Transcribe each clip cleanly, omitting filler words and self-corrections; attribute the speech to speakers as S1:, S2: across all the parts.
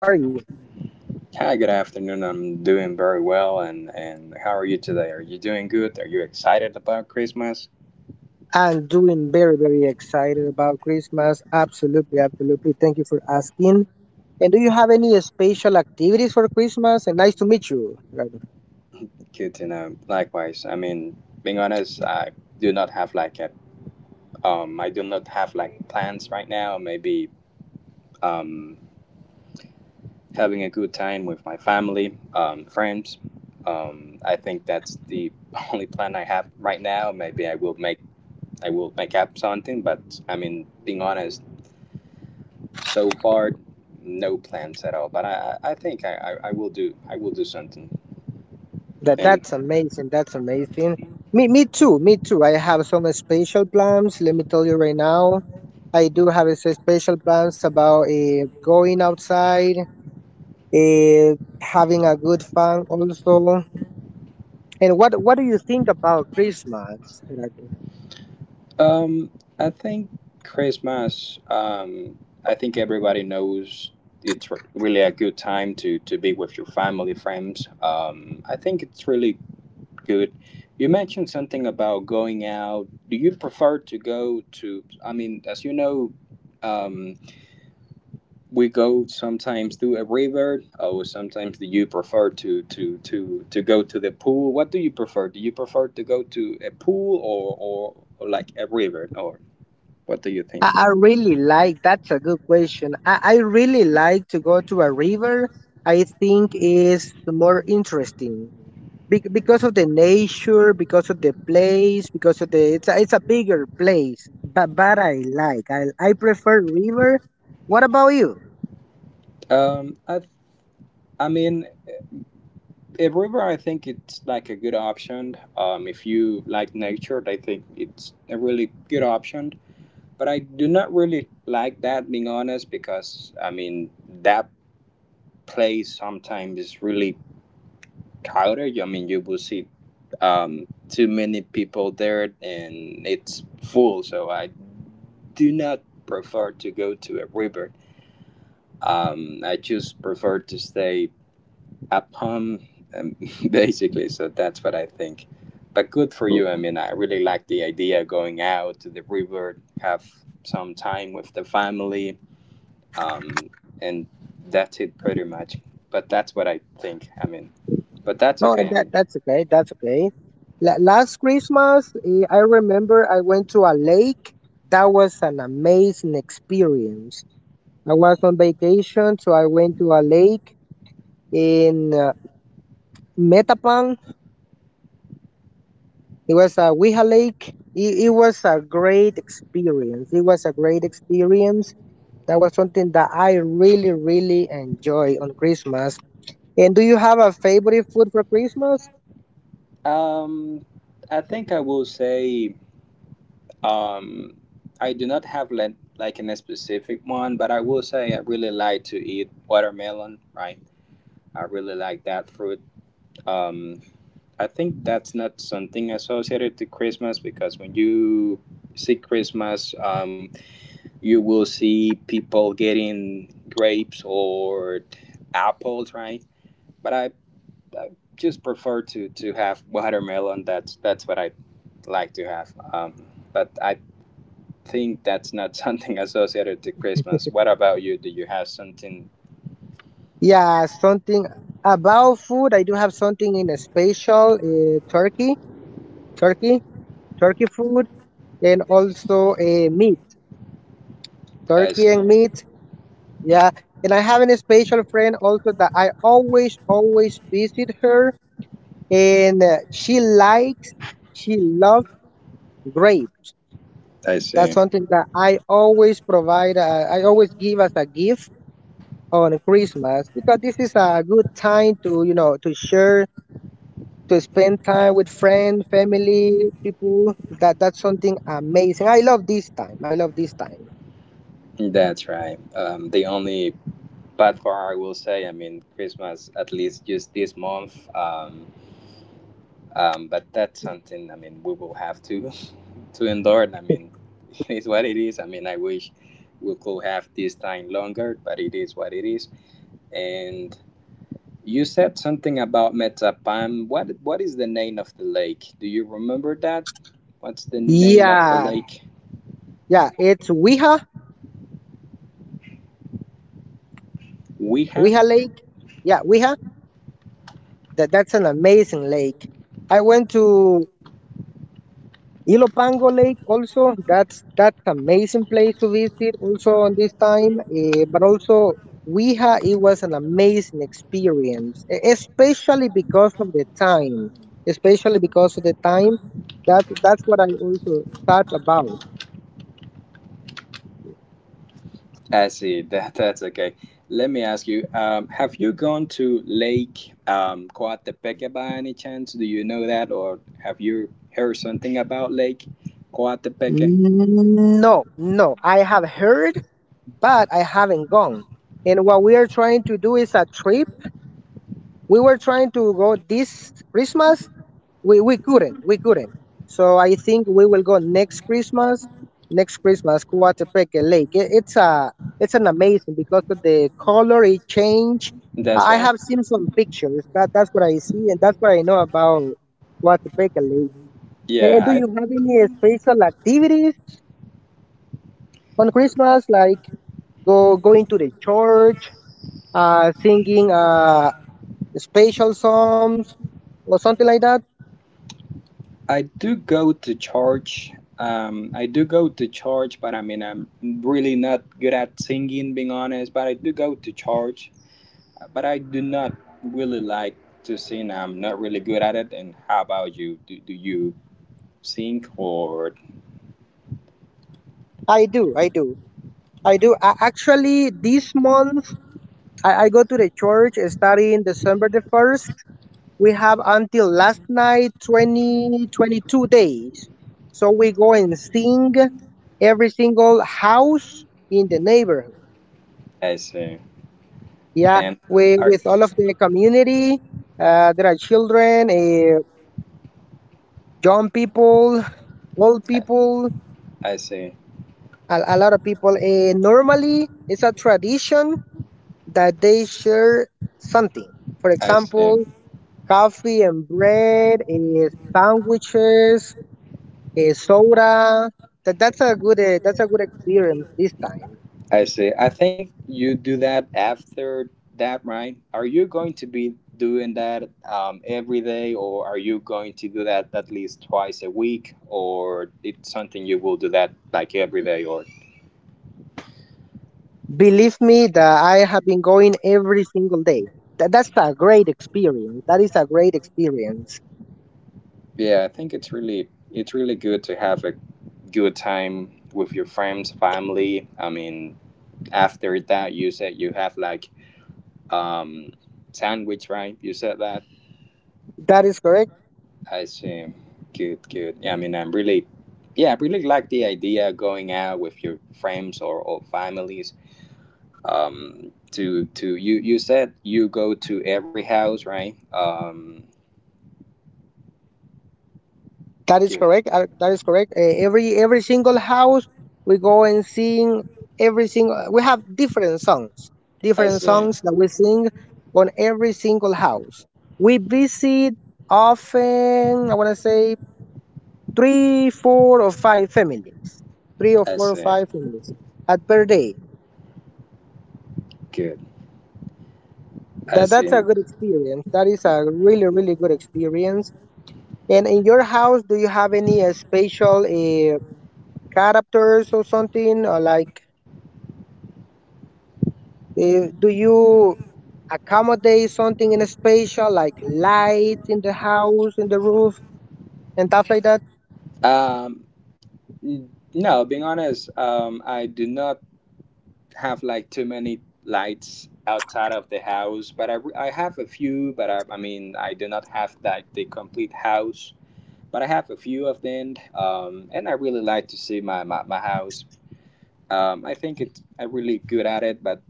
S1: How are you?
S2: Hi, good afternoon. I'm doing very well, and how are you today? Are you doing good? Are you excited about Christmas?
S1: I'm doing very, very excited about Christmas. Absolutely, absolutely. Thank you for asking. And do you have any special activities for Christmas? And nice to meet you, Gerardo.
S2: Good to know. Likewise. I mean, being honest, I do not have like a I do not have like plans right now. Maybe um, having a good time with my family, friends. I think that's the only plan I have right now. Maybe I will make up something, but I mean, being honest. So far, no plans at all. But I think I will do something.
S1: That
S2: And
S1: that's amazing. That's amazing. Me too. Me too. I have some special plans. Let me tell you right now. I do have a special plans about going outside, uh, having a good fun also. And what do you think about Christmas, Gerardo?
S2: um, I think Christmas. I think everybody knows it's really a good time to be with your family, friends. I think it's really good. You mentioned something about going out. Do you prefer to go to? I mean, as you know. Um, we go sometimes through a river or sometimes do you prefer to go to the pool? What do you prefer? Do you prefer to go to a pool or or like a river, or what do you
S1: I,
S2: think?
S1: I really like that's a good question. I really like to go to a river. I think is more interesting because of the nature, because of the place, because of the it's a bigger place. But I like I prefer river. What about you?
S2: Um i i mean a river, I think it's like a good option. If you like nature, I think it's a really good option, but I do not really like that, being honest, because I mean that place sometimes is really Calgary, I mean, you will see too many people there and it's full. So I do not prefer to go to a river. I just prefer to stay at home, um, basically. So that's what I think. But good for you. I mean, I really like the idea of going out to the river, have some time with the family, um, and that's it pretty much. But that's what I think. I mean, but that's
S1: No, and
S2: okay. I
S1: that
S2: mean.
S1: that's okay. That's okay. Last Christmas, I remember I went to a lake. That was an amazing experience. I was on vacation, so I went to a lake in Metapan. It was a Weha Lake. It was a great experience. It was a great experience. That was something that I really, really enjoy on Christmas. And do you have a favorite food for Christmas?
S2: Um, I think I will say um, I do not have like a specific one, but I will say I really like to eat watermelon, right? I really like that fruit. Um, I think that's not something associated to Christmas because when you see Christmas, you will see people getting grapes or apples, right? But I just prefer to have watermelon. That's what I like to have. But I think that's not something associated to Christmas. What about you? Do you have something?
S1: Yeah, something about food. I do have something in a special turkey, turkey food, and also meat,
S2: I
S1: turkey
S2: see.
S1: and meat. Yeah, and I have a special friend also that I always, always visit her and she loves grapes.
S2: I
S1: That's
S2: see.
S1: something that I always provide. I always give as a gift on Christmas because this is a good time to, to share, to spend time with friends, family, people. That's something amazing. I love this time. I love this time.
S2: That's right. The only bad part I will say, I mean, Christmas at least just this month. But that's something. I mean, we will have to to endure. I mean, it is what it is. I mean, I wish we could have this time longer, but it is what it is. And you said something about Metapam. What is the name of the lake? Do you remember that? What's the name of the
S1: Yeah,
S2: lake?
S1: yeah, it's Weha,
S2: Weha?
S1: Weha Lake. Yeah, Weha, that's an amazing lake. I went to Ilopango Lake also. That's amazing place to visit also on this time, but also Weha, it was an amazing experience, especially because of the time, especially because of the time. That's what I also thought about.
S2: I see. That's okay. Let me ask you. Have you gone to Lake Coatepeque by any chance? Do you know that, or have you heard something about Lake Coatepeque?
S1: No, no, I have heard, but I haven't gone. And what we are trying to do is a trip. We were trying to go this Christmas. We couldn't. We couldn't. So I think we will go next Christmas. Next Christmas, Coatepeque Lake. It's a it's an amazing because of the color it change.
S2: That's
S1: I
S2: right.
S1: have seen some pictures. That's what I see and that's what I know about Coatepeque Lake. And do
S2: Yeah,
S1: you have any special activities on Christmas, like go going to the church, singing, special songs or something like that?
S2: I do go to church. I do go to church, but I mean, I'm really not good at singing, being honest. But I do go to church, but I do not really like to sing. I'm not really good at it. And how about you? Do, do you sing or
S1: I do, I do, I do. I, actually, this month, I go to the church starting December the 1st. We have, until last night, twenty twenty two days. So we go and sing every single house in the neighborhood.
S2: I see.
S1: Yeah,
S2: And
S1: we,
S2: are,
S1: with all of the community. There are children, young people, old people,
S2: I see.
S1: a lot of people. Normally, it's a tradition that they share something. For
S2: I see.
S1: example, coffee and bread and sandwiches and soda. That's a good that's a good experience this time.
S2: I see. I think you do that after that, right? Are you going to be doing that every day, or are you going to do that at least twice a week, or it's something you will do that like every day? Or
S1: Believe me that I have been going every single day. That's a great experience. That is a great experience.
S2: yeah, I think it's really good to have a good time with your friends, family. I mean, after that, you said you have like um, sandwich, right? You said that.
S1: That is correct.
S2: I see. Good, good. Yeah, I mean, I'm really, yeah, I really like the idea going out with your friends or families. To you you said you go to every house, right?
S1: That is
S2: Good.
S1: correct. That is correct. Every single house we go and sing every single. We have
S2: I
S1: different
S2: see.
S1: songs that we sing on every single house. We visit often. I want to say three, four, or five families. Three or
S2: I
S1: four or
S2: see.
S1: five families at per day.
S2: Good. I
S1: That's
S2: see.
S1: a good experience. That is a really, really good experience. And in your house, do you have any special characters or something or like? Do you accommodate something in a spatial like lights in the house, in the roof, and stuff like that?
S2: Um, n- no, being honest, I do not have like too many lights outside of the house, but I have a few, but I mean, I do not have like the complete house, but I have a few of them, and I really like to see my house. I think it's I'm really good at it, but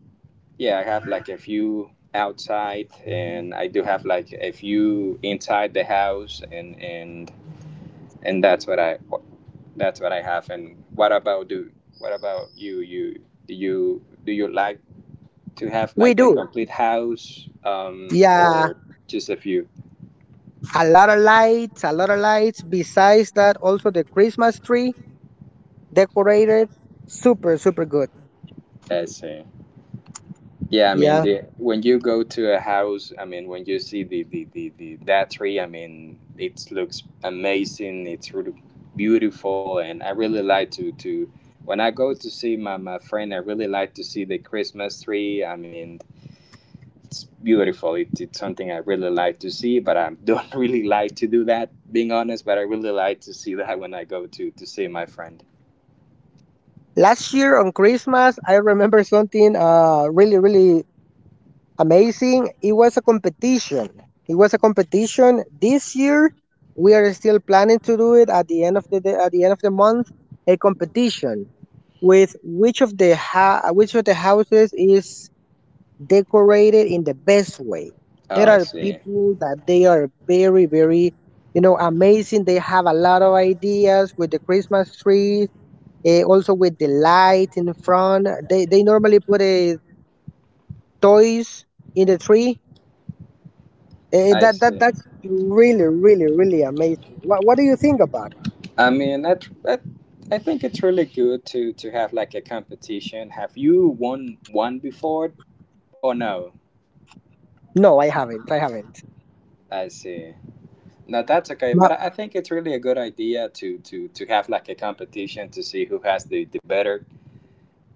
S2: yeah, I have like a few outside, and I do have like a few inside the house, and that's what I have. And what about do what about you? You do you like to have
S1: We
S2: like the
S1: do.
S2: complete house,
S1: Yeah,
S2: or just a few?
S1: a lot of lights, a lot of lights. Besides that, also the Christmas tree decorated, super, super good.
S2: I see. Yeah, I mean,
S1: Yeah.
S2: the, when you go to a house, I mean, when you see the that tree, I mean, it looks amazing. It's really beautiful, and I really like to when I go to see my, my friend, I really like to see the Christmas tree. I mean, it's beautiful. It's something I really like to see, but I don't really like to do that, being honest. But I really like to see that when I go to see my friend.
S1: Last year on Christmas, I remember something really, really amazing. It was a competition. It was a competition. This year, we are still planning to do it at the end of the day, at the end of the month. A competition with which of the which of the houses is decorated in the best way.
S2: Oh,
S1: There
S2: I
S1: are
S2: see.
S1: people that they are very, very, you know, amazing. They have a lot of ideas with the Christmas trees. Also with the light in front, they normally put a toys in the tree.
S2: I see.
S1: That's really, really, really amazing. What do you think about it?
S2: I mean, I that I think it's really good to have like a competition. Have you won one before or no?
S1: No, I haven't. I haven't.
S2: I see. No, that's okay.
S1: Ma-
S2: But I think it's really a good idea to have like a competition to see who has the better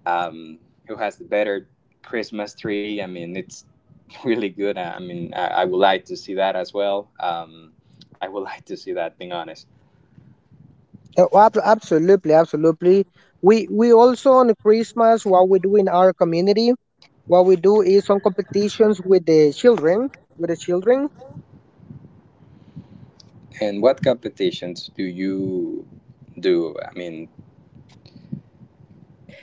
S2: um who has the better Christmas tree. I mean, it's really good. I would like to see that as well. I would like to see that. Being honest.
S1: Absolutely, absolutely. We also on Christmas what we do in our community, what we do is some competitions with the children, with the children.
S2: And what competitions do you do? I mean,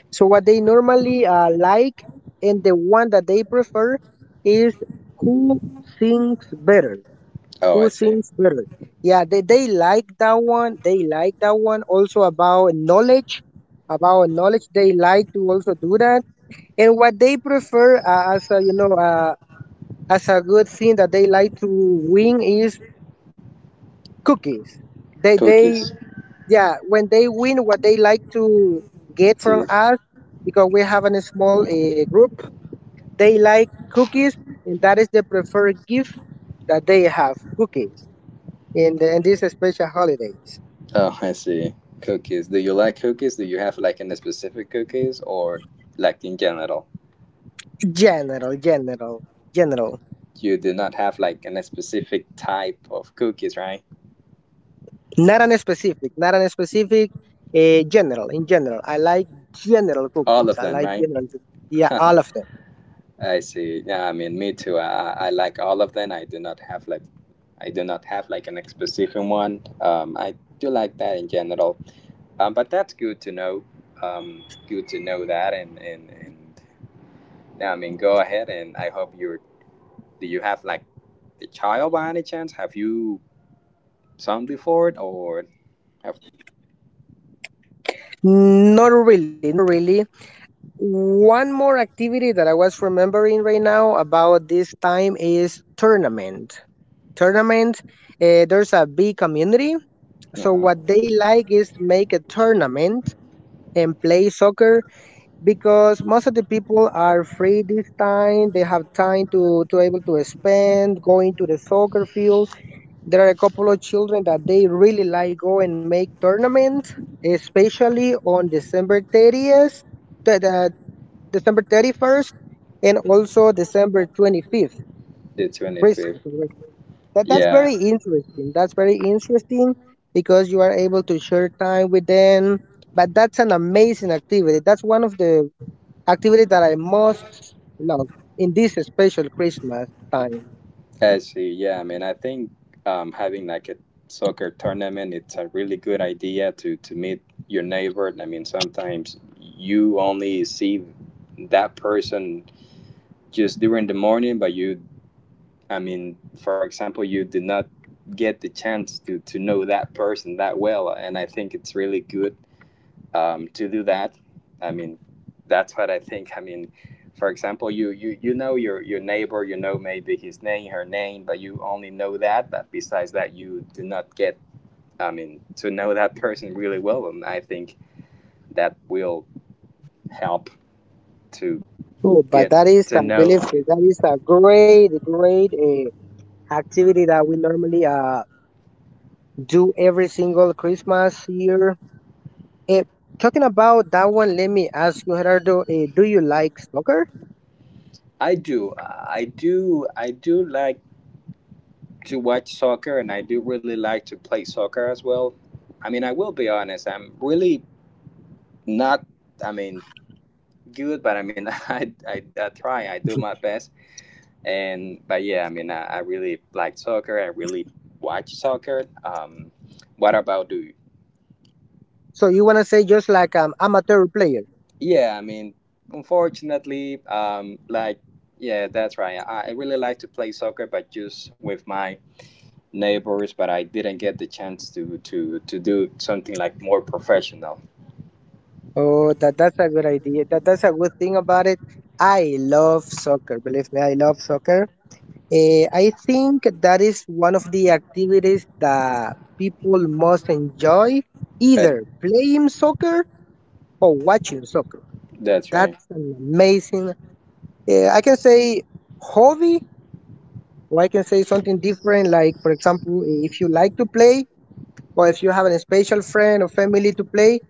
S1: So what they normally like and the one that they prefer is who sings better.
S2: oh,
S1: Who
S2: I see.
S1: sings better? Yeah, they like that one. They like that one also about knowledge. About knowledge, they like to also do that. And what they prefer, as a, as a good thing that they like to win is cookies. They
S2: Cookies.
S1: yeah, when they win, what they like to get from
S2: Too.
S1: us, because we have a small group. They like cookies, and that is the preferred gift that they have cookies in these special holidays.
S2: Oh, I see. Cookies. Do you like cookies? Do you have like any specific cookies or like in general?
S1: General, general, general.
S2: You do not have like any specific type of cookies, right?
S1: Not an specific, not an specific. General, in general, I like general
S2: All
S1: cookies.
S2: of
S1: I
S2: them,
S1: like
S2: right?
S1: general cookies. Yeah, all of them.
S2: I see. Yeah, I mean, me too. I like all of them. I do not have like an specific one. I do like that in general. But that's good to know. Good to know that. And yeah, I mean, go ahead. And I hope you do. You have like The child, by any chance, have you sung before it or have?
S1: Not really, not really. One more activity that I was remembering right now about this time is tournament. Tournament. There's a big community, so
S2: Uh-huh.
S1: what they like is make a tournament and play soccer because most of the people are free this time. They have time to able to spend going to the soccer fields. There are a couple of children that they really like go and make tournaments, especially on December 30th, the December 31st, and also December 25th,
S2: The 25th.
S1: Christmas, right? That's
S2: Yeah.
S1: very interesting. That's very interesting because you are able to share time with them. But that's an amazing activity. That's one of the activity that I most love in this special Christmas time.
S2: I see. Yeah, I mean, I think having like a soccer tournament, it's a really good idea to meet your neighbor. I mean, sometimes you only see that person just during the morning, but you, I mean, for example, you did not get the chance to know that person that well, and I think it's really good to do that. I mean, that's what I think. I mean, for example, you know your neighbor, you know maybe his name, her name, but you only know that. But besides that, you do not get. I mean, to know that person really well, and I think that will help to
S1: Oh, but
S2: get
S1: that is, I
S2: to know.
S1: believe, that is a great, great activity that we normally do every single Christmas year. Eh, talking about that one, let me ask you, Gerardo, do you like soccer?
S2: I do like to watch soccer, and I do really like to play soccer as well. I mean, I will be honest. I'm really not. I mean, good, but I mean, I try, I do my best. And but yeah, I really like soccer. I really watch soccer. What about you?
S1: So you want to say just like amateur player?
S2: Yeah, I mean, unfortunately, like yeah, that's right. I really like to play soccer, but just with my neighbors. But I didn't get the chance to do something like more professional.
S1: Oh, that's a good idea. That's a good thing about it. I love soccer. Believe me, I love soccer. I think that is one of the activities that people most enjoy,
S2: Uh,
S1: either playing soccer or watching soccer.
S2: that's right.
S1: That's an amazing, I can say hobby, or I can say something different, like, for example, if you like to play, or if you have a special friend or family to play,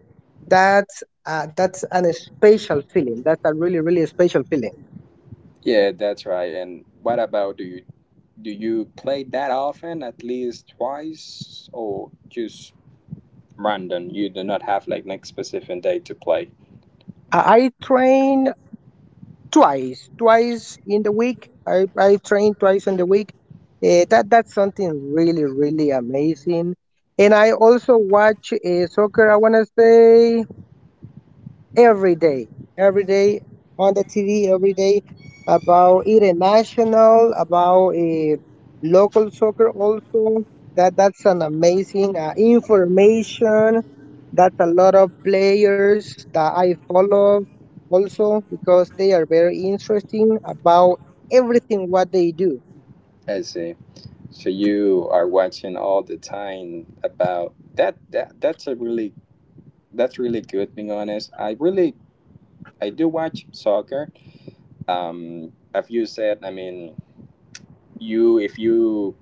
S1: that's an special feeling. That's a really, really special feeling.
S2: Yeah, that's right. And what about you? Do you play that often, at least twice, or just random? You do not have like next specific day to play.
S1: I train twice, twice in the week. I train twice in the week. That's something really, really amazing. And I also watch soccer. I wanna say every day, every day on the TV, every day about international, about local soccer also. That's an amazing information. That's a lot of players that I follow also because they are very interesting about everything what they do.
S2: I see. So you are watching all the time about that. That that's a really that's really good. Being honest, I do watch soccer. As you said, I mean, you if you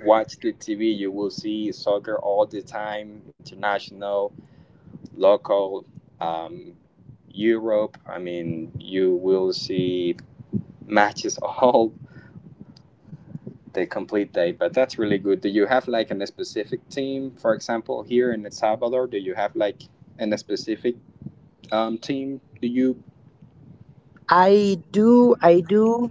S2: watch the TV, you will see soccer all the time, international, local. Um, Europe, I mean, you will see matches all the complete day, but that's really good. Do you have like a specific team? For example, here in El Salvador, do you have like a specific team? Do you
S1: I do, I do.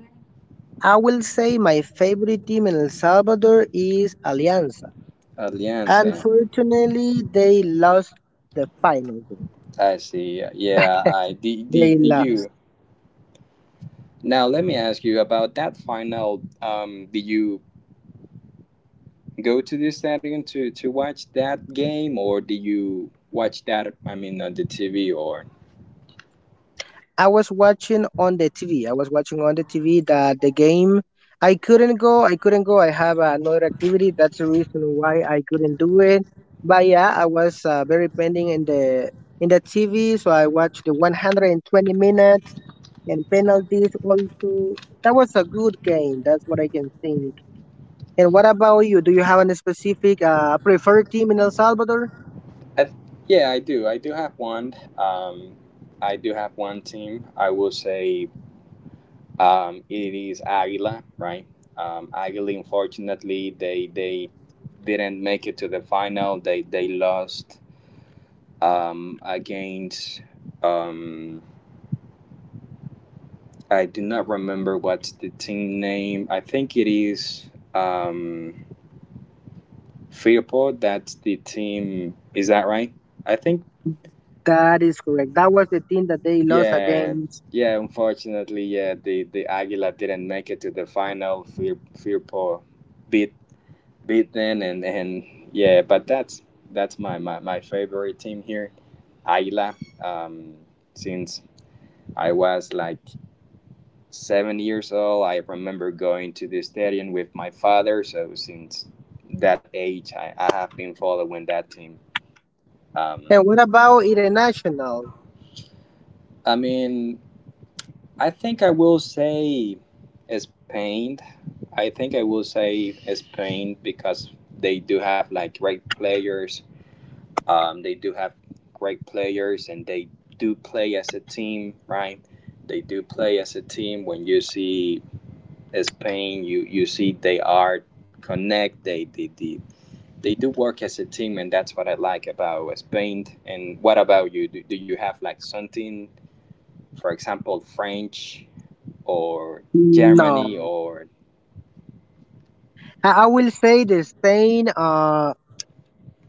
S1: I will say my favorite team in El Salvador is Alianza.
S2: Alianza?
S1: Unfortunately, they lost the final game.
S2: I see. Yeah,
S1: They
S2: do you.
S1: lost.
S2: Now let me ask you about that final. Do you go to the stadium to watch that game, or do you watch that? I mean, on the TV. Or
S1: I was watching on the TV. I was watching on the TV that the game. I couldn't go. I couldn't go. I have another activity. That's the reason why I couldn't do it. But yeah, I was very pending in the TV. So I watched the 120 minutes and penalties also. That was a good game. That's what I can think. And what about you? Do you have any specific preferred team in El Salvador?
S2: I, th- yeah, I do. I do have one. I do have one team. I will say it is Aguila, right? Aguila, unfortunately, they didn't make it to the final. They lost against. Um, I do not remember what's the team name. I think it is Freeport. That's the team. Is that right? I think
S1: That is correct. That was the team that they lost
S2: Yeah,
S1: against.
S2: yeah. Unfortunately, yeah, the Aguila didn't make it to the final. Fear, Firpo beat beaten, and yeah, but that's my favorite team here, Aguila. Um, since I was like 7 years old, I remember going to the stadium with my father. So since that age, I have been following that team. Um,
S1: And what about international?
S2: I mean, I think I will say Spain. I think I will say Spain because they do have like great players. They do have great players, and they do play as a team, right? They do play as a team. When you see Spain, you see they are connect. They do work as a team, and that's what I like about Spain. And what about you? Do you have like something, for example, French? Or
S1: No,
S2: Germany or
S1: I will say the Spain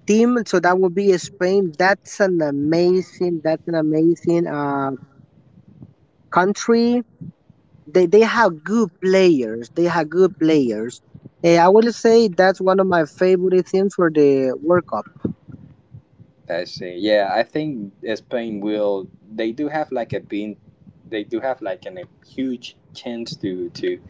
S1: team. So that would be Spain. That's an amazing. That's an amazing country. They have good players. They have good players. I will say that's one of my favorite teams for the World Cup.
S2: let's see. Yeah, I think Spain will. They do have like a been. They do have like a huge chance to to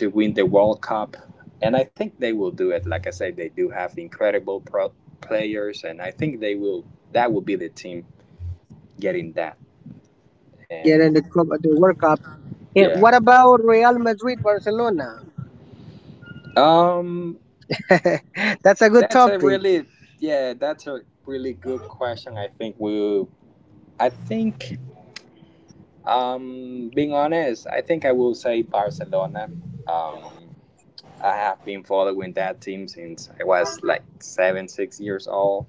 S2: to win the World Cup, and I think they will do it. Like I said, they do have incredible pro players, and I think they will. That will be the team getting that.
S1: Getting
S2: And
S1: the cup, the World Cup.
S2: yeah,
S1: What about Real Madrid, Barcelona?
S2: um,
S1: that's a good
S2: that's a
S1: topic.
S2: really yeah, that's a really good question. I think we. I think being honest, I think I will say Barcelona. Um, I have been following that team since I was like seven, 6 years old,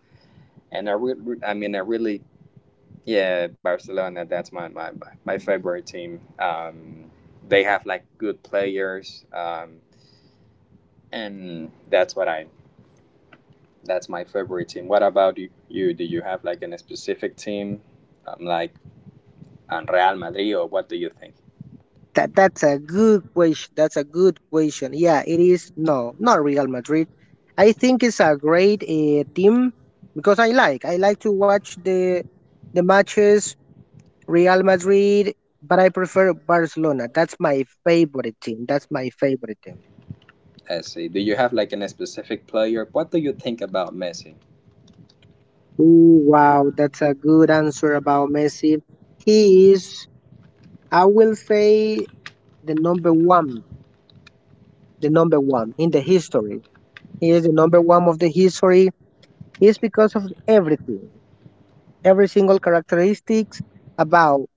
S2: and I mean, I really, yeah, Barcelona. That's my favorite team. They have like good players, and that's what I. That's my favorite team. What about you? Do you have like a specific team, like Real Madrid, or what do you think?
S1: That's a good question. That's a good question. Yeah, it is. No, not Real Madrid. I think it's a great team because I like to watch the matches Real Madrid, but I prefer Barcelona. That's my favorite team. That's my favorite team.
S2: Messi. Do you have like an specific player? What do you think about Messi?
S1: Ooh, wow, that's a good answer about Messi. He is, I will say, the number one, the number one in the history. He is the number one of the history is because of everything, every single characteristics about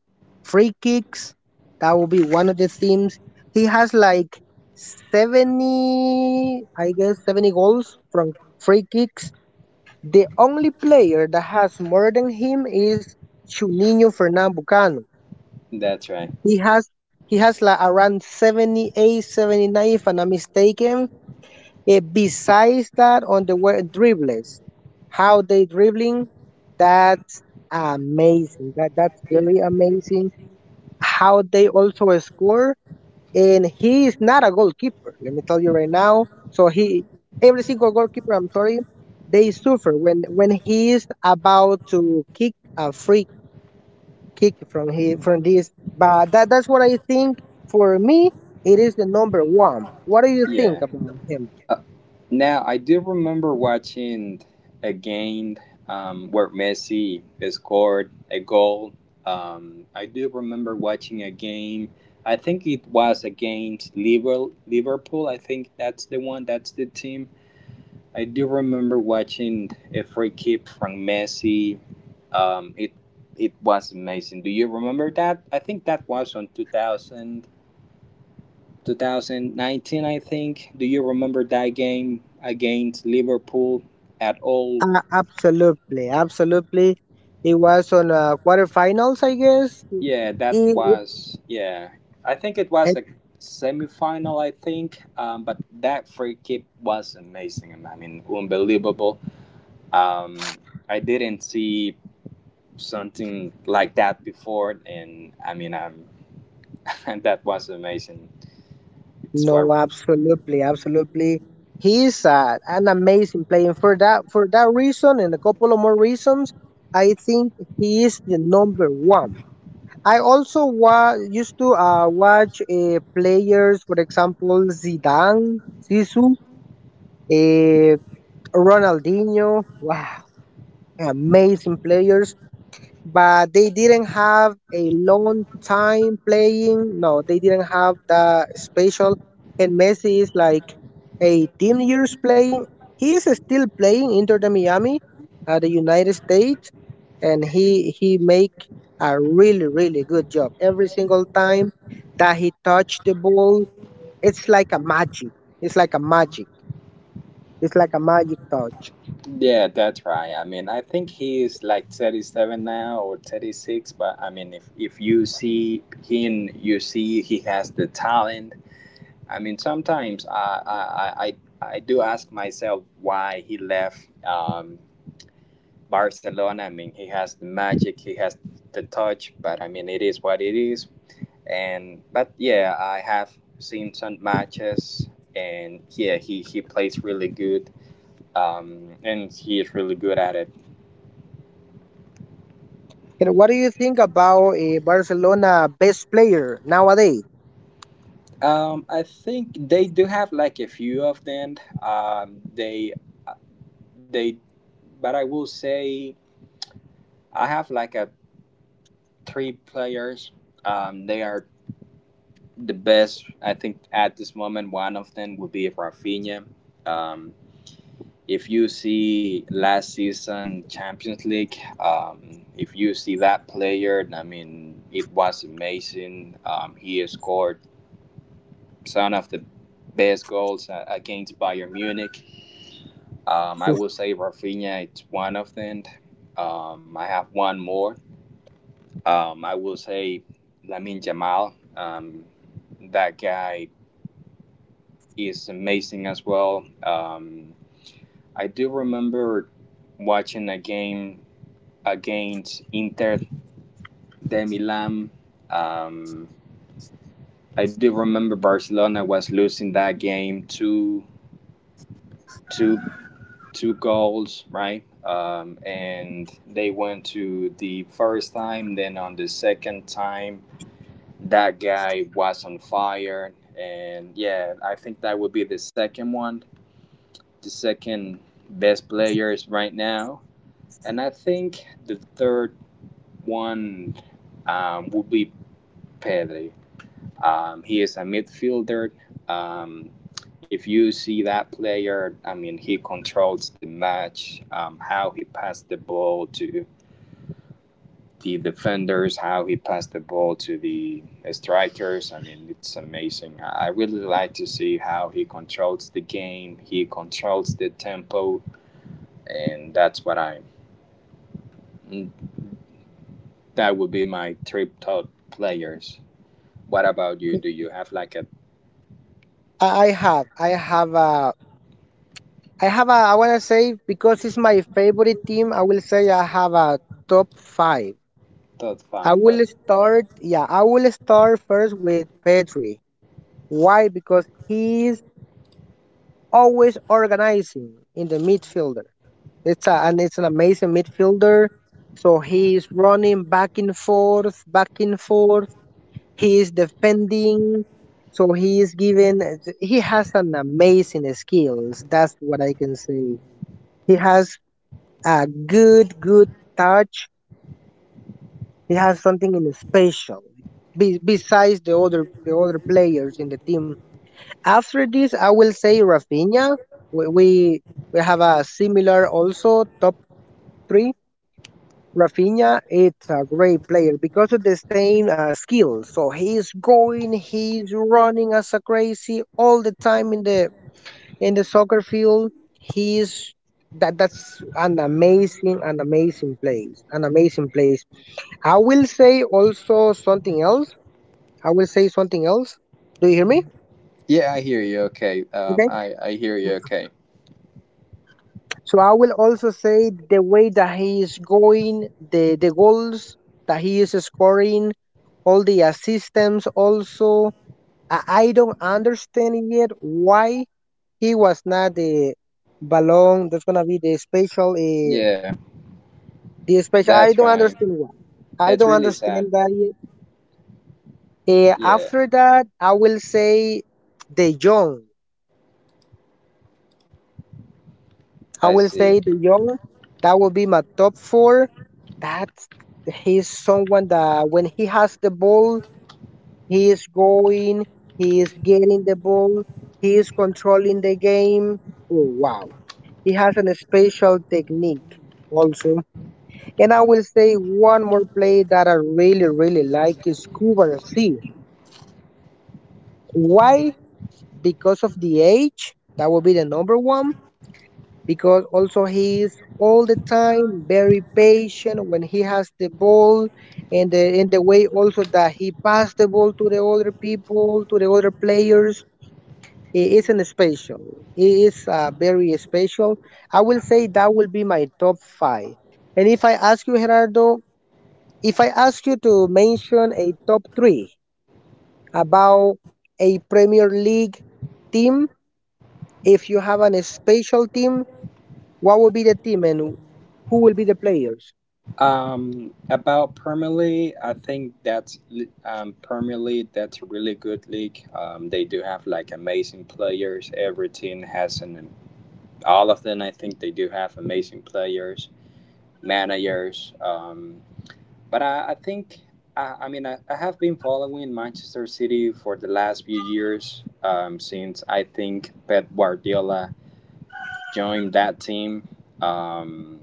S1: free kicks. That will be one of the themes. He has like 70, I guess 70 goals from free kicks. The only player that has more than him is Juninho Fernando Bucano.
S2: That's right.
S1: He has he has like around 78, 79, if I'm not mistaken. Besides that, on the word dribblers, how they dribbling, that's amazing. That's
S2: Yeah.
S1: very amazing. How they also score, and he is not a goalkeeper. Let me tell you right now. So he, every single goalkeeper, I'm sorry, they suffer when he is about to kick a free kick from he from this. But that's what I think. For me, it is the number one. What do you
S2: Yeah.
S1: think about him?
S2: Uh, Now I do remember watching a game where Messi scored a goal. I do remember watching a game. I think it was against Liverpool. I think that's the one. That's the team. I do remember watching a free kick from Messi. Um, it it was amazing. Do you remember that? I think that was on 2000 2019. I think. Do you remember that game against Liverpool at all?
S1: Absolutely, absolutely. He was on quarterfinals, I guess.
S2: Yeah, that
S1: He, it-
S2: was yeah. I think it was
S1: it-
S2: a semi-final, I think. But that free kick was amazing. I mean, unbelievable. Um, I didn't see something like that before, and I mean, and that was amazing. It's what
S1: no, absolutely, absolutely. He's an amazing player. For that reason, and a couple of more reasons, I think he is the number one. I also used to watch players, for example, Zidane, Sisu, uh, Ronaldinho. Wow, amazing players, but they didn't have a long time playing. No, they didn't have the special. And Messi is like 18 years playing. He is still playing Inter de Miami, the United States, and he make a really really good job every single time that he touch the ball. It's like a magic. It's like a magic. It's like a magic touch.
S2: Yeah, that's right. I mean, I think he is like 37 now or 36, but I mean, if you see him, you see he has the talent. I mean, sometimes I do ask myself why he left Barcelona. I mean, he has the magic, he has the touch, but I mean, it is what it is. But yeah, I have seen some matches and yeah, he plays really good and he is really good at it.
S1: And what do you think about a Barcelona best player nowadays?
S2: I think they do have like a few of them. Um, they, they, but I will say I have like a three players. They are the best. I think at this moment, one of them would be Rafinha. Um, if you see last season Champions League, if you see that player, I mean, it was amazing. He has scored some of the best goals against Bayern Munich. I will say Rafinha is one of them. I have one more. I will say Lamine Yamal. That guy is amazing as well. I do remember watching a game against Inter de Milan. Um, I do remember Barcelona was losing that game two. two goals, right? And they went to the first time, then on the second time, that guy was on fire. And yeah, I think that would be the second one, the second best players right now. And I think the third one would be Pedri. He is a midfielder. Um, if you see that player, I mean, he controls the match, how he passed the ball to the defenders, how he passed the ball to the strikers. I mean, it's amazing. I really like to see how he controls the game, he controls the tempo, and that's what I. That would be my three top players. What about you? Do you have like a
S1: I have a, I have a. I want to say because it's my favorite team. I will say I have a top five.
S2: top
S1: I
S2: five?
S1: will start. Yeah, I will start first with Pedri. Why? Because he's always organizing in the midfielder. And it's an amazing midfielder. So he's running back and forth, back and forth. He is defending, so he is given. He has an amazing skills. That's what I can say. He has a good, good touch. He has something in special. Besides the other players in the team. After this, I will say Rafinha. We we, we have a similar also top three. Rafinha, it's a great player because of the same skill. So he's going, he's running as a crazy all the time in the soccer field. He's that that's an amazing place, an amazing place. I will say also something else. I will say something else. Do you hear me?
S2: Yeah, I hear you okay.
S1: Okay.
S2: I hear you okay.
S1: So I will also say the way that he is going, the goals that he is scoring, all the assistants also. I don't understand yet why he was not the balloon. That's gonna be the special. Uh,
S2: Yeah,
S1: the special. I
S2: that's
S1: don't
S2: right.
S1: understand why. I
S2: That's
S1: don't
S2: really sad.
S1: understand that yet. Uh,
S2: Yeah,
S1: after that, I will say the young. I
S2: I
S1: will
S2: see.
S1: say the young. That will be my top four. That's he's someone that when he has the ball, he is going. He is getting the ball. He is controlling the game. Oh, wow. He has an special technique also. And I will say one more play that I really, really like is Cuba C. Why? Because of the age. That will be the number one. Because also he is all the time very patient when he has the ball and the in the way also that he passed the ball to the other people, to the other players. It isn't special. It is very special. I will say that will be my top five. And if I ask you, Gerardo, if I ask you to mention a top three about a Premier League team, if you have an special team, what will be the team and who will be the players?
S2: About Premier League, I think that's li- Premier League, that's a really good league. They do have like amazing players. Every team has an, all of them, I think they do have amazing players, managers. But I think, I mean, I have been following Manchester City for the last few years since I think Pep Guardiola joined that team. Um,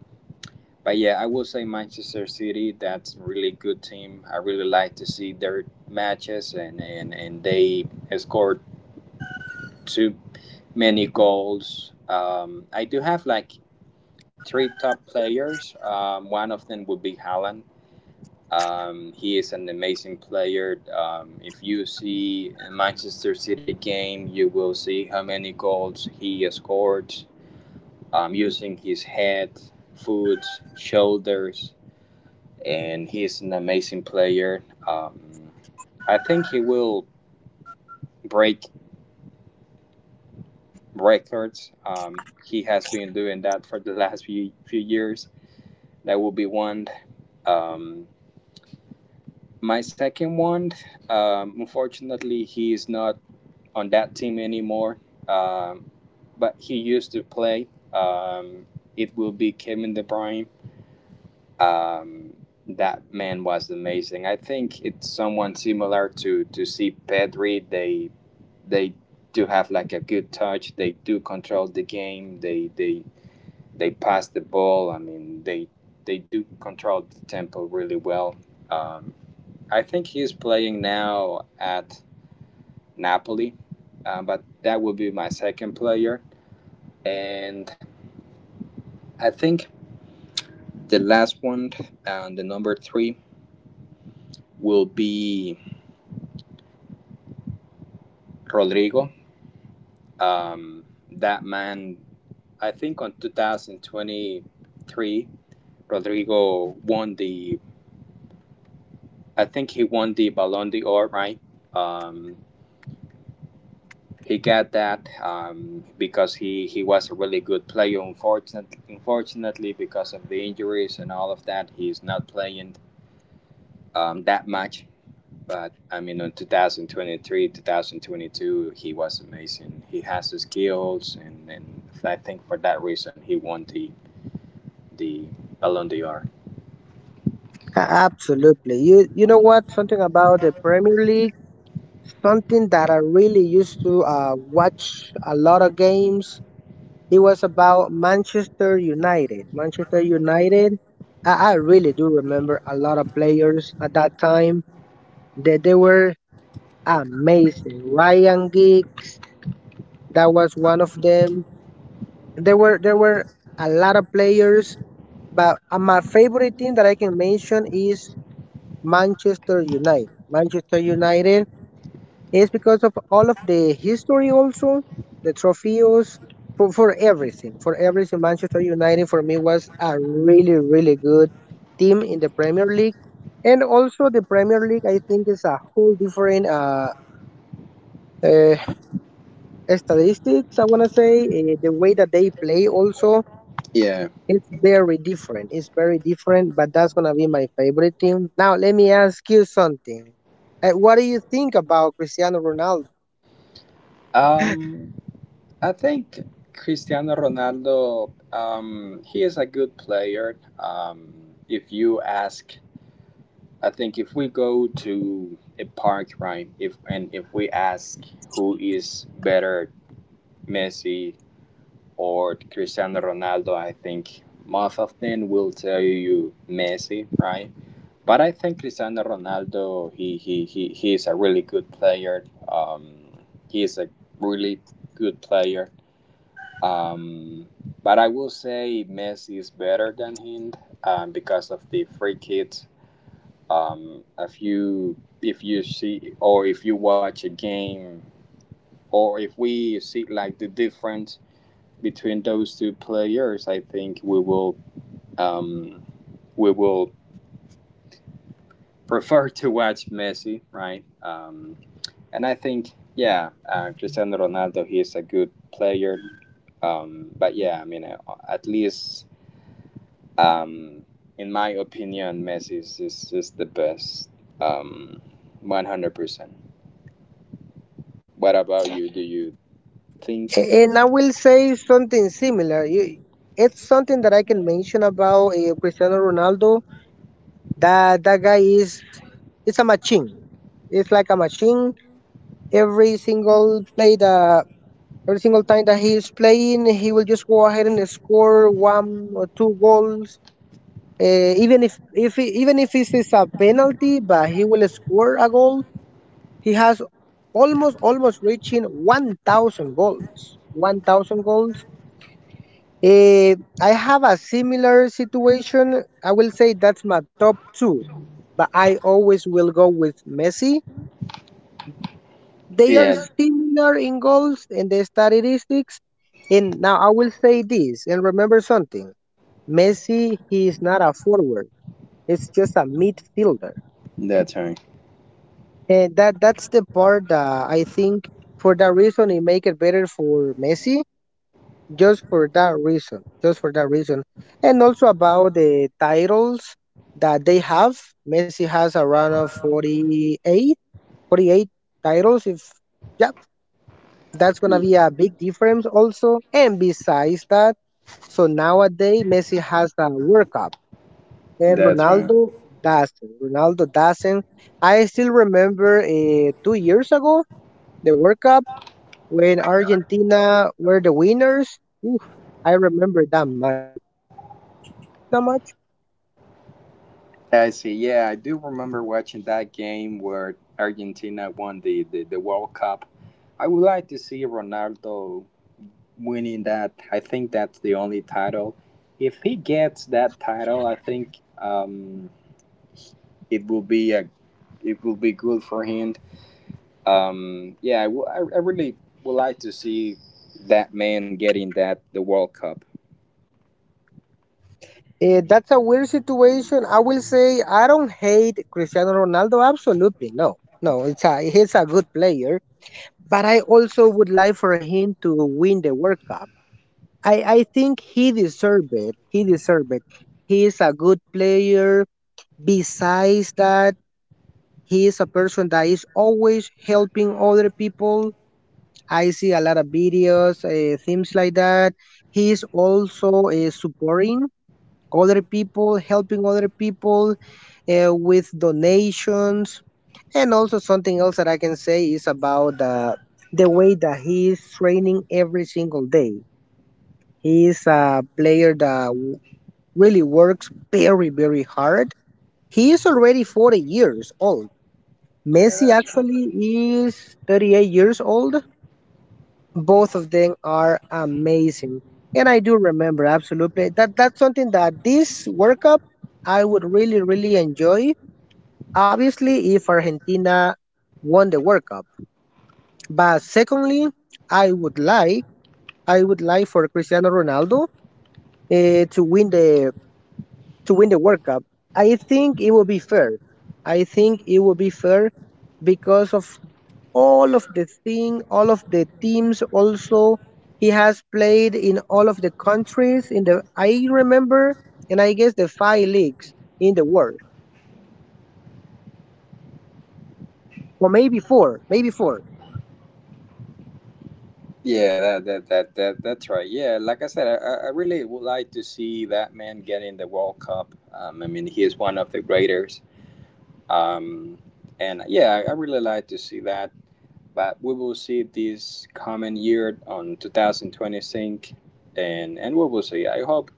S2: but yeah, I will say Manchester City, that's a really good team. I really like to see their matches, and, they scored too many goals. I do have like three top players. One of them would be Haaland. He is an amazing player. If you see a Manchester City game, you will see how many goals he has scored using his head, foot, shoulders, and he is an amazing player. I think he will break records. He has been doing that for the last few years. That will be one. Um, my second one, unfortunately, he is not on that team anymore, um, but he used to play. Um, it will be Kevin De Bruyne. Um, that man was amazing. I think it's someone similar to see Pedri. They do have like a good touch. They do control the game. They they, pass the ball. I mean they do control the tempo really well. Um, I think he's playing now at Napoli, but that would be my second player. And I think the last one, and the number three, will be Rodrigo. Um, that man, I think on 2023, Rodrigo won the, I think he won the Ballon d'Or, right? Um, he got that because he was a really good player. Unfortunately, because of the injuries and all of that, he is not playing that much. But I mean, in 2023, 2022, he was amazing. He has the skills, and, I think for that reason, he won the the Ballon d'Or.
S1: Absolutely. You know what? Something about the Premier League, something that I really used to watch a lot of games. It was about Manchester United. Manchester United, I really do remember a lot of players at that time that they were amazing. Ryan Giggs, that was one of them. There were a lot of players, but my favorite team that I can mention is Manchester United. Manchester United. It's because of all of the history also, the trophies for everything, for everything. Manchester United for me was a really, really good team in the Premier League. And also the Premier League, I think is a whole different uh, statistics, I want to say. The way that they play also,
S2: Yeah.
S1: it's very different. It's very different, but that's going to be my favorite team. Now, let me ask you something. What do you think about Cristiano Ronaldo?
S2: Um, I think Cristiano Ronaldo, he is a good player. If you ask, I think if we go to a park, right, if we ask who is better, Messi, or Cristiano Ronaldo, I think most of them will tell you Messi, right? But I think Cristiano Ronaldo, he is a really good player. He is a really good player. Um, but I will say Messi is better than him because of the free kicks. If you see or if you watch a game or if we see like the difference between those two players, I think um, we will prefer to watch Messi, right? And I think yeah, Cristiano Ronaldo he is a good player, but yeah, I mean at least um, in my opinion, Messi is the best, um, 100%. What about you? Do you think?
S1: And I will say something similar. It's something that I can mention about Cristiano Ronaldo. That guy is it's a machine. It's like a machine. Every single play that every single time that he is playing, he will just go ahead and score one or two goals. Even if he, even if it is a penalty, but he will score a goal. He has almost reaching 1,000 goals. 1,000 goals. Eh, I have a similar situation. I will say that's my top two, but I always will go with Messi. They are
S2: Yeah,
S1: similar in goals and the statistics. And now I will say this and remember something. Messi, he is not a forward. It's just a midfielder.
S2: that's right.
S1: And that's the part that I think for that reason it make it better for Messi just for that reason, just for that reason, and also about the titles that they have. Messi has around of 48, 48 titles. If yeah, that's gonna
S2: Yeah,
S1: be a big difference also. And besides that, so nowadays Messi has the World Cup and
S2: that's right.
S1: Ronaldo doesn't. Ronaldo doesn't. I still remember 2 years ago the World Cup when Argentina were the winners. Oof, I remember that match. Did you watch that match?
S2: I see. Yeah, I do remember watching that game where Argentina won the World Cup. I would like to see Ronaldo winning that. I think that's the only title. If he gets that title, I think it will be a it will be good for him. Yeah, I really would like to see that man getting that the World Cup.
S1: That's a weird situation. I will say I don't hate Cristiano Ronaldo. Absolutely no, no. It's a he's a good player, but I also would like for him to win the World Cup. I think he deserved it. He deserved it. He is a good player. Besides that, he is a person that is always helping other people. I see a lot of videos, things like that. He is also supporting other people, helping other people with donations. And also something else that I can say is about the way that he is training every single day. He is a player that really works very, very hard. He is already 40 years old.
S2: Yeah,
S1: Messi
S2: that's right.
S1: actually is 38 years old. Both of them are amazing, and I do remember absolutely that that's something that this World Cup I would really, really enjoy, obviously, if Argentina won the World Cup. But secondly, i would like I would like for Cristiano Ronaldo eh, to win the to win the World Cup. I think it will be fair. I think it will be fair because of all of the thing, all of the teams also. He has played in all of the countries in the I remember and I guess the five leagues in the world. Or maybe four, maybe four.
S2: Yeah, that's right. Yeah, like I said, I really would like to see that man get in the World Cup. I mean, he is one of the greatest. Um, and yeah, I really like to see that. But we will see this coming year on 2020 sync, and we will see. I hope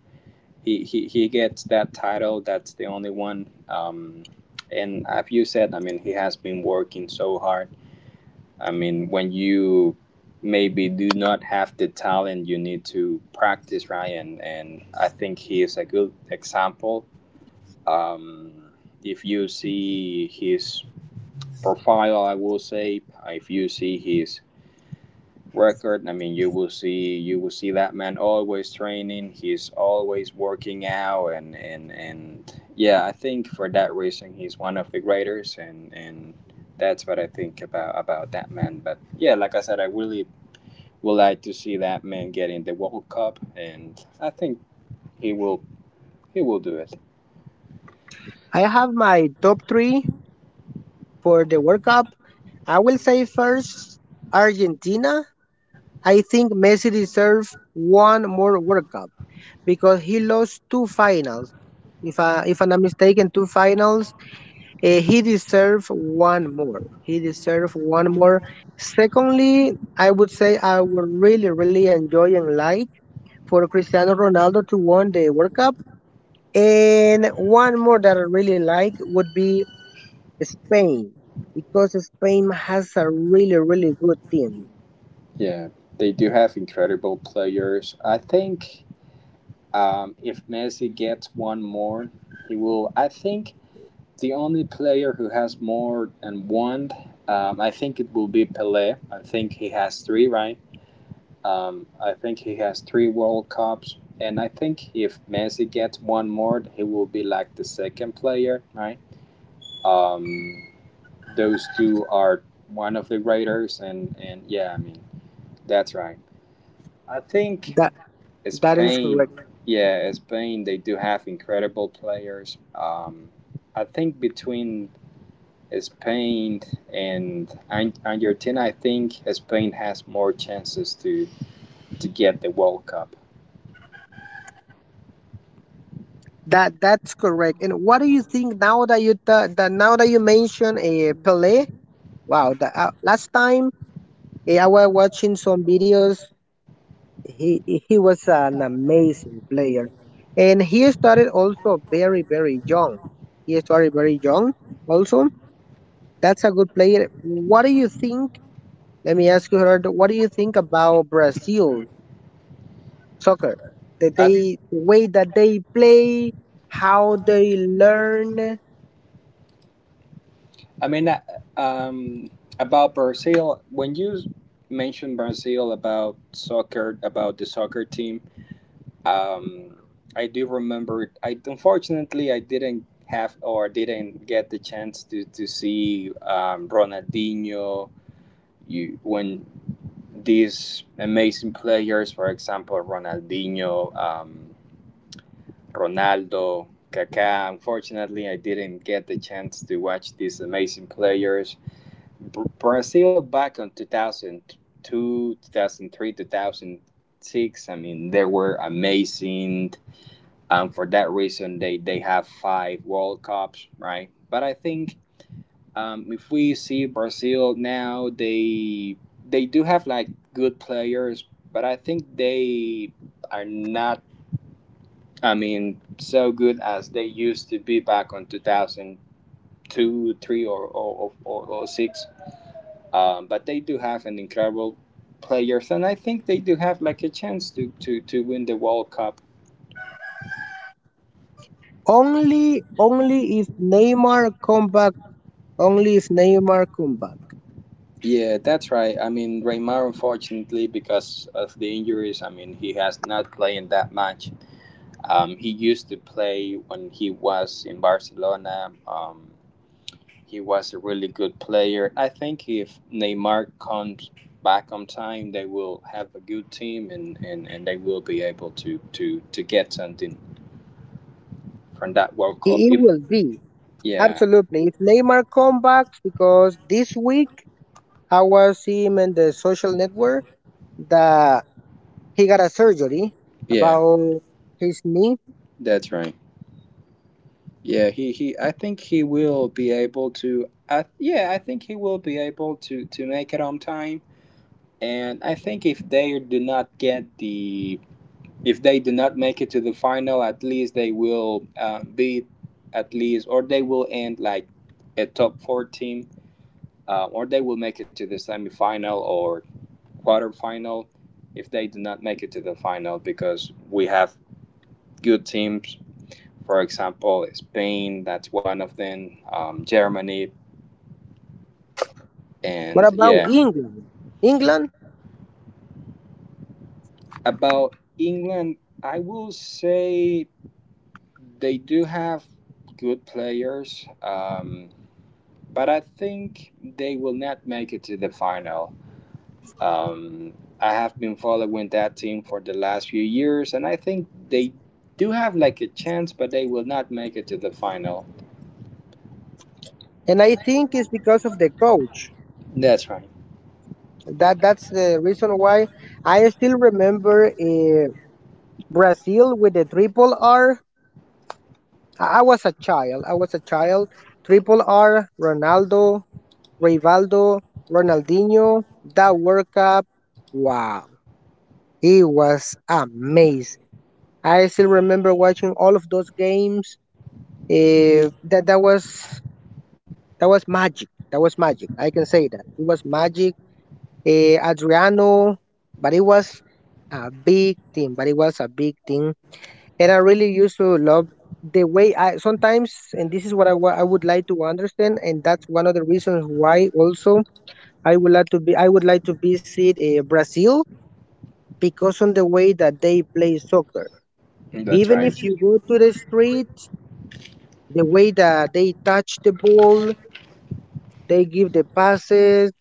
S2: he gets that title. That's the only one. And as you said, he has been working so hard. When you maybe do not have the talent, you need to practice, right? And I think he is a good example. Um, if you see his profile, I will say, if you see his record, I mean, you will see that man always training. He's always working out, and yeah, I think for that reason, he's one of the greatest, and that's what I think about that man. But yeah, like I said, I really would like to see that man get in the World Cup, and I think he will. He will do it.
S1: I have my top three for the World Cup. I will say first Argentina. I think Messi deserves one more World Cup because he lost two finals. If I'm not mistaken, two finals. He deserved one more. He deserved one more. Secondly, I would say I would really, really enjoy and like for Cristiano Ronaldo to win the World Cup. And one more that I really like would be Spain, because Spain has a really, really good team.
S2: Yeah, they do have incredible players. I think if Messi gets one more, he will. I think the only player who has more than one, I think it will be Pelé. I think he has three, right? I think he has three World Cups, and I think if Messi gets one more, he will be like the second player, right? Um, those two are one of the writers, and yeah, that's right. I think
S1: That that is
S2: Spain,
S1: correct.
S2: yeah, Spain they do have incredible players. I think between Spain and Argentina, I think Spain has more chances to get the World Cup.
S1: That's correct. And what do you think now that that now that you mention Pelé? Wow, the, last time I was watching some videos. He he was an amazing player, and he started also very very young. He started very young also. That's a good player. What do you think? Let me ask you, Gerardo, what do you think about Brazil soccer, that
S2: I,
S1: they the way that they play, how they learn?
S2: I mean, uh, um, about Brazil, when you mentioned Brazil about soccer, about the soccer team, Um, I do remember. I didn't have or didn't get the chance to see Ronaldinho. You when these amazing players, for example, Ronaldinho, Ronaldo, Kaká. Unfortunately, I didn't get the chance to watch these amazing players. Brazil back in 2002, 2003, 2006. I mean, they were amazing. For that reason, they have five World Cups, right? But I think if we see Brazil now, they do have like good players, but I think they are not. I mean, so good as they used to be back on 2002, three, or, six. But they do have an incredible players, and I think they do have like a chance to win the World Cup.
S1: Only if Neymar come back, only if Neymar come back.
S2: Yeah, that's right. I mean, Raymar, unfortunately, because of the injuries, I mean, he has not playing that much. He used to play when he was in Barcelona. He was a really good player. I think if Neymar comes back on time, they will have a good team and they will be able to, to, get something from that World
S1: it,
S2: Cup.
S1: it
S2: If
S1: will be.
S2: yeah,
S1: Absolutely. If Neymar come back, because this week I was him in the social network that he got a surgery
S2: yeah,
S1: about his knee.
S2: that's right. Yeah, he I think he will be able to I yeah, I think he will be able to make it on time. And I think if they do not get the if they do not make it to the final, at least they will be at least or they will end like a top 4 team or they will make it to the semifinal or quarterfinal if they do not make it to the final, because we have good teams, for example, Spain, that's one of them, Germany,
S1: What
S2: and
S1: about
S2: yeah.
S1: England? England,
S2: About England, I will say they do have good players, but I think they will not make it to the final. Um, I have been following that team for the last few years, and I think they do have like a chance, but they will not make it to the final.
S1: and I think it's because of the coach.
S2: That's right.
S1: That's the reason why I still remember Brazil with the triple R. I was a child. I was a child. Triple R, Ronaldo, Rivaldo, Ronaldinho. That World Cup. Wow. He was amazing. I still remember watching all of those games. Eh, that that was that was magic. That was magic. I can say that it was magic. Eh, Adriano, but it was a big thing. But it was a big thing, and I really used to love the way I sometimes. And this is what I would like to understand, and that's one of the reasons why also I would like to visit Brazil, because on the way that they play soccer.
S2: That's
S1: Even
S2: right.
S1: if you go to the street, the way that they touch the ball, they give the passes,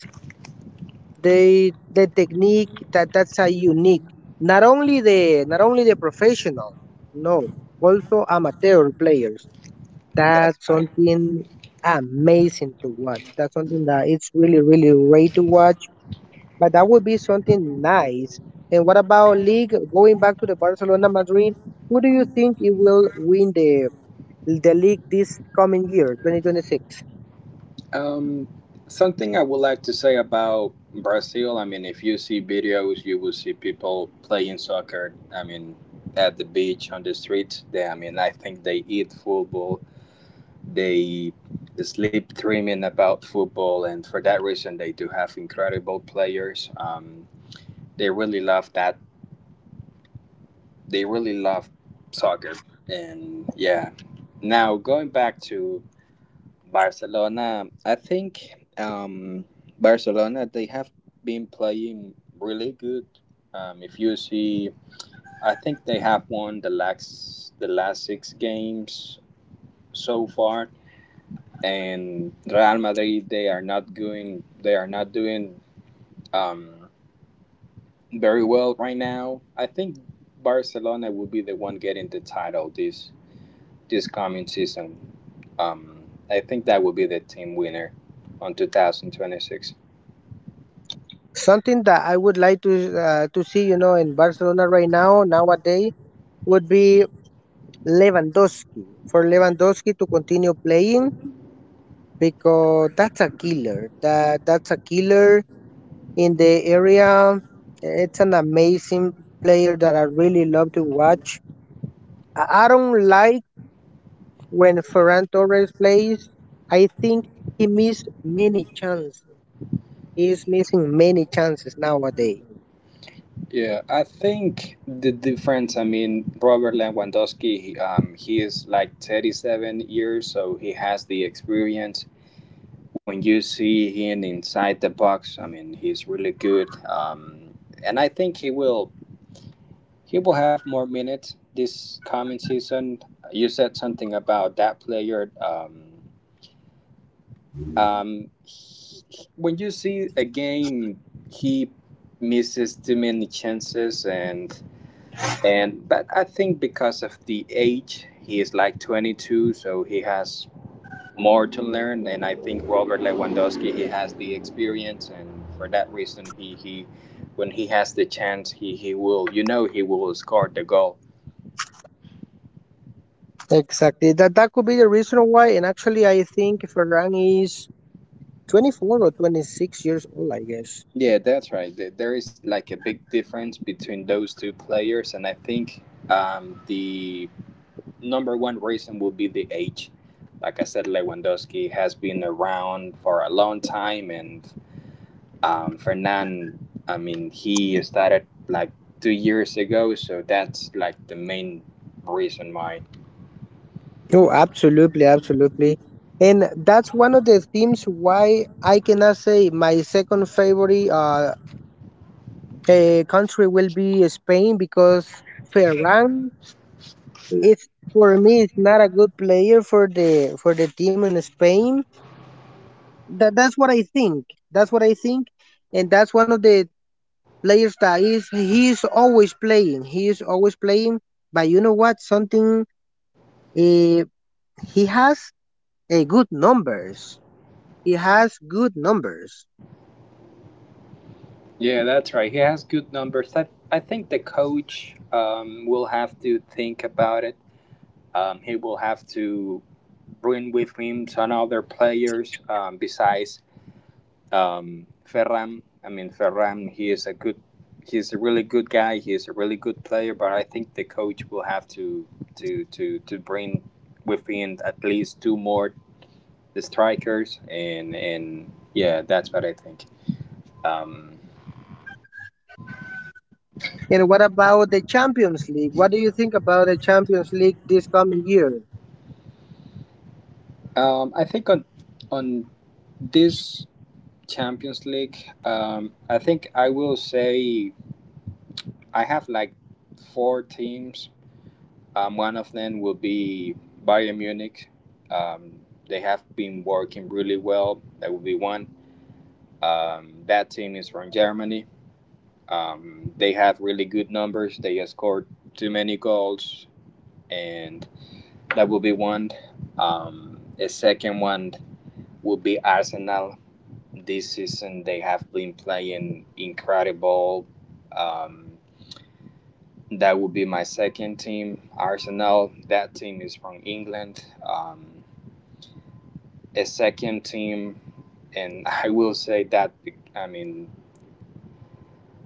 S1: they the technique that that's a unique. Not only the professional, no, also amateur players.
S2: That's
S1: That's
S2: right.
S1: something amazing to watch. That's something that it's really, really great to watch. But that would be something nice. And what about league? Going back to the Barcelona Madrid, who do you think it will win the league this coming year, 2026?
S2: Um, something I would like to say about Brazil. I mean, if you see videos, you will see people playing soccer. I mean, at the beach, on the street. I mean, I think they eat football. They sleep dreaming about football, and for that reason, they do have incredible players. They really love that. They really love soccer, and yeah. Now going back to Barcelona, I think um, Barcelona they have been playing really good. If you see, I think they have won the last six games so far, and Real Madrid they are not doing um, very well right now. I think Barcelona will be the one getting the title this coming season. I think that will be the team winner on 2026.
S1: Something that I would like to see, you know, in Barcelona right now nowadays would be Lewandowski, for Lewandowski to continue playing, because that's a killer. That's a killer in the area. It's an amazing player that I really love to watch. I don't like when Ferran Torres plays. I think he missed many chances. He's missing many chances nowadays.
S2: Yeah, I think the difference, I mean, Robert Lewandowski, he is like 37 years, so he has the experience. When you see him inside the box, I mean, he's really good. And I think he will have more minutes this coming season. You said something about that player. Um, he- when you see a game, he misses too many chances and but I think because of the age, he is like 22, so he has more to learn. And I think Robert Lewandowski, he has the experience, and for that reason, he when he has the chance, he will you know he will score the goal.
S1: Exactly. That could be the reason why. And actually, I think Ferran is 24 or 26 years old, I guess.
S2: Yeah, that's right. There is like a big difference between those two players, and I think the number one reason will be the age. Like I said, Lewandowski has been around for a long time, and Fernand, I mean, he started like 2 years ago, so that's like the main reason why.
S1: No, absolutely, absolutely. And that's one of the themes why I cannot say my second favorite country will be Spain, because Ferran is, for me, is not a good player for the team in Spain. That's what I think. That's what I think. And that's one of the players that is he is always playing. He is always playing. But you know what? Something uh, he has good numbers. He has good numbers.
S2: Yeah, that's right. He has good numbers. I think the coach will have to think about it. He will have to bring with him some other players besides Ferran. I mean, Ferran, he's a really good guy. He is a really good player, but I think the coach will have to bring within at least two more strikers, and yeah, that's what I think. Um,
S1: And what about the Champions League? What do you think about the Champions League this coming year?
S2: I think on on this Champions League, I think I will say I have like four teams. One of them will be Bayern Munich. Um, they have been working really well. That will be one. That team is from Germany. They have really good numbers. They have scored too many goals, and that will be one. The second one will be Arsenal. This season they have been playing incredible. Um, that will be my second team, Arsenal. That team is from England. A second team, and I will say that I mean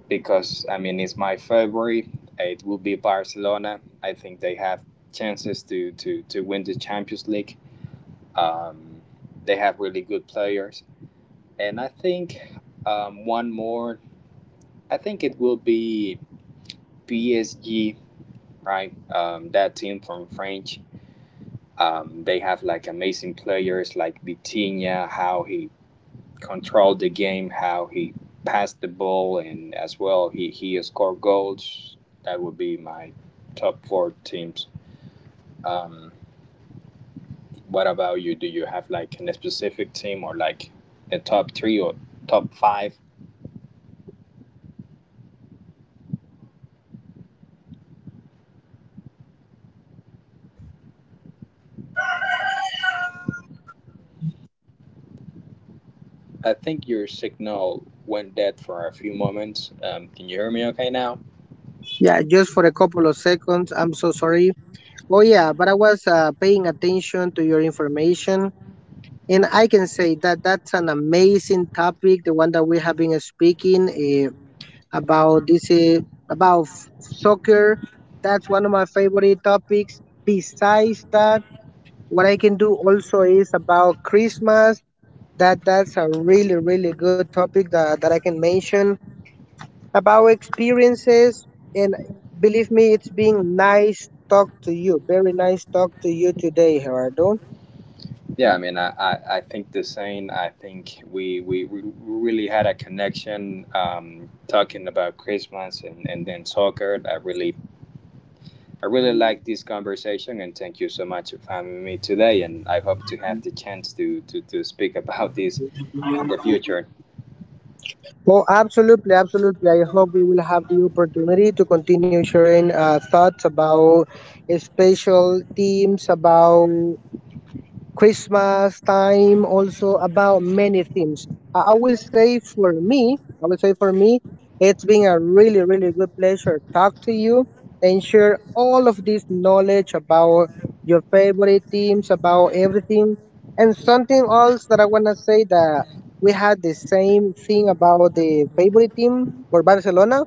S2: because I mean it's my favorite. It will be Barcelona. I think they have chances to win the Champions League. Um, they have really good players, and I think one more. I think it will be PSG, right? That team from French. They have like amazing players like Vitinha, how he controlled the game, how he passed the ball, and as well he scored goals. That would be my top four teams. Um, what about you? Do you have like a specific team or like a top three or top five? I think your signal went dead for a few moments. Can you hear me okay now?
S1: Yeah, just for a couple of seconds. I'm so sorry. Oh, yeah, but I was paying attention to your information. And I can say that that's an amazing topic, the one that we have been speaking about, this, soccer. That's one of my favorite topics. Besides that, what I can do also is about Christmas. That's a really, really good topic that, that I can mention about experiences. And believe me, it's been nice talk to you. Very nice talk to you today, Gerardo.
S2: Yeah, I mean, I think the same. I think we really had a connection talking about Christmas and then soccer. That really I really like this conversation and thank you so much for having me today. And I hope to have the chance to, to speak about this in the future.
S1: Oh, absolutely, absolutely. I hope we will have the opportunity to continue sharing thoughts about special teams, about Christmas time, also about many things. I will say for me, I will say for me, it's been a really, really good pleasure talk to you and share all of this knowledge about your favorite teams, about everything. And something else that I wanna say that we had the same thing about the favorite team for Barcelona.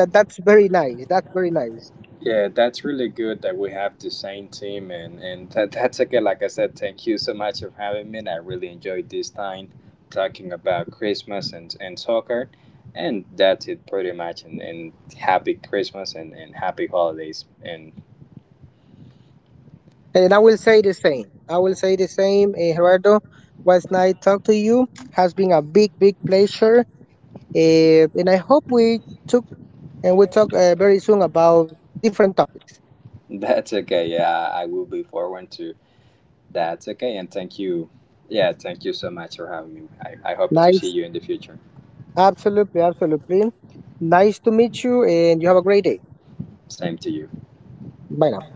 S1: That's very nice. That's very nice.
S2: Yeah, that's really good that we have the same team. And that, that's again, like I said, thank you so much for having me. I really enjoyed this time talking about Christmas and soccer. And that's it pretty much. And happy Christmas and happy holidays. And
S1: And I will say the same. I will say the same. Eh, Gerardo, was nice talk to you. Has been a big, big pleasure. And I hope we took and we talk very soon about different topics.
S2: that's okay. Yeah, I will be forward to That's okay, and thank you. Yeah, thank you so much for having me. I hope to see
S1: Nice.
S2: you in the future.
S1: Absolutely, absolutely. Nice to meet you, and you have a great day.
S2: Same to you.
S1: Bye now.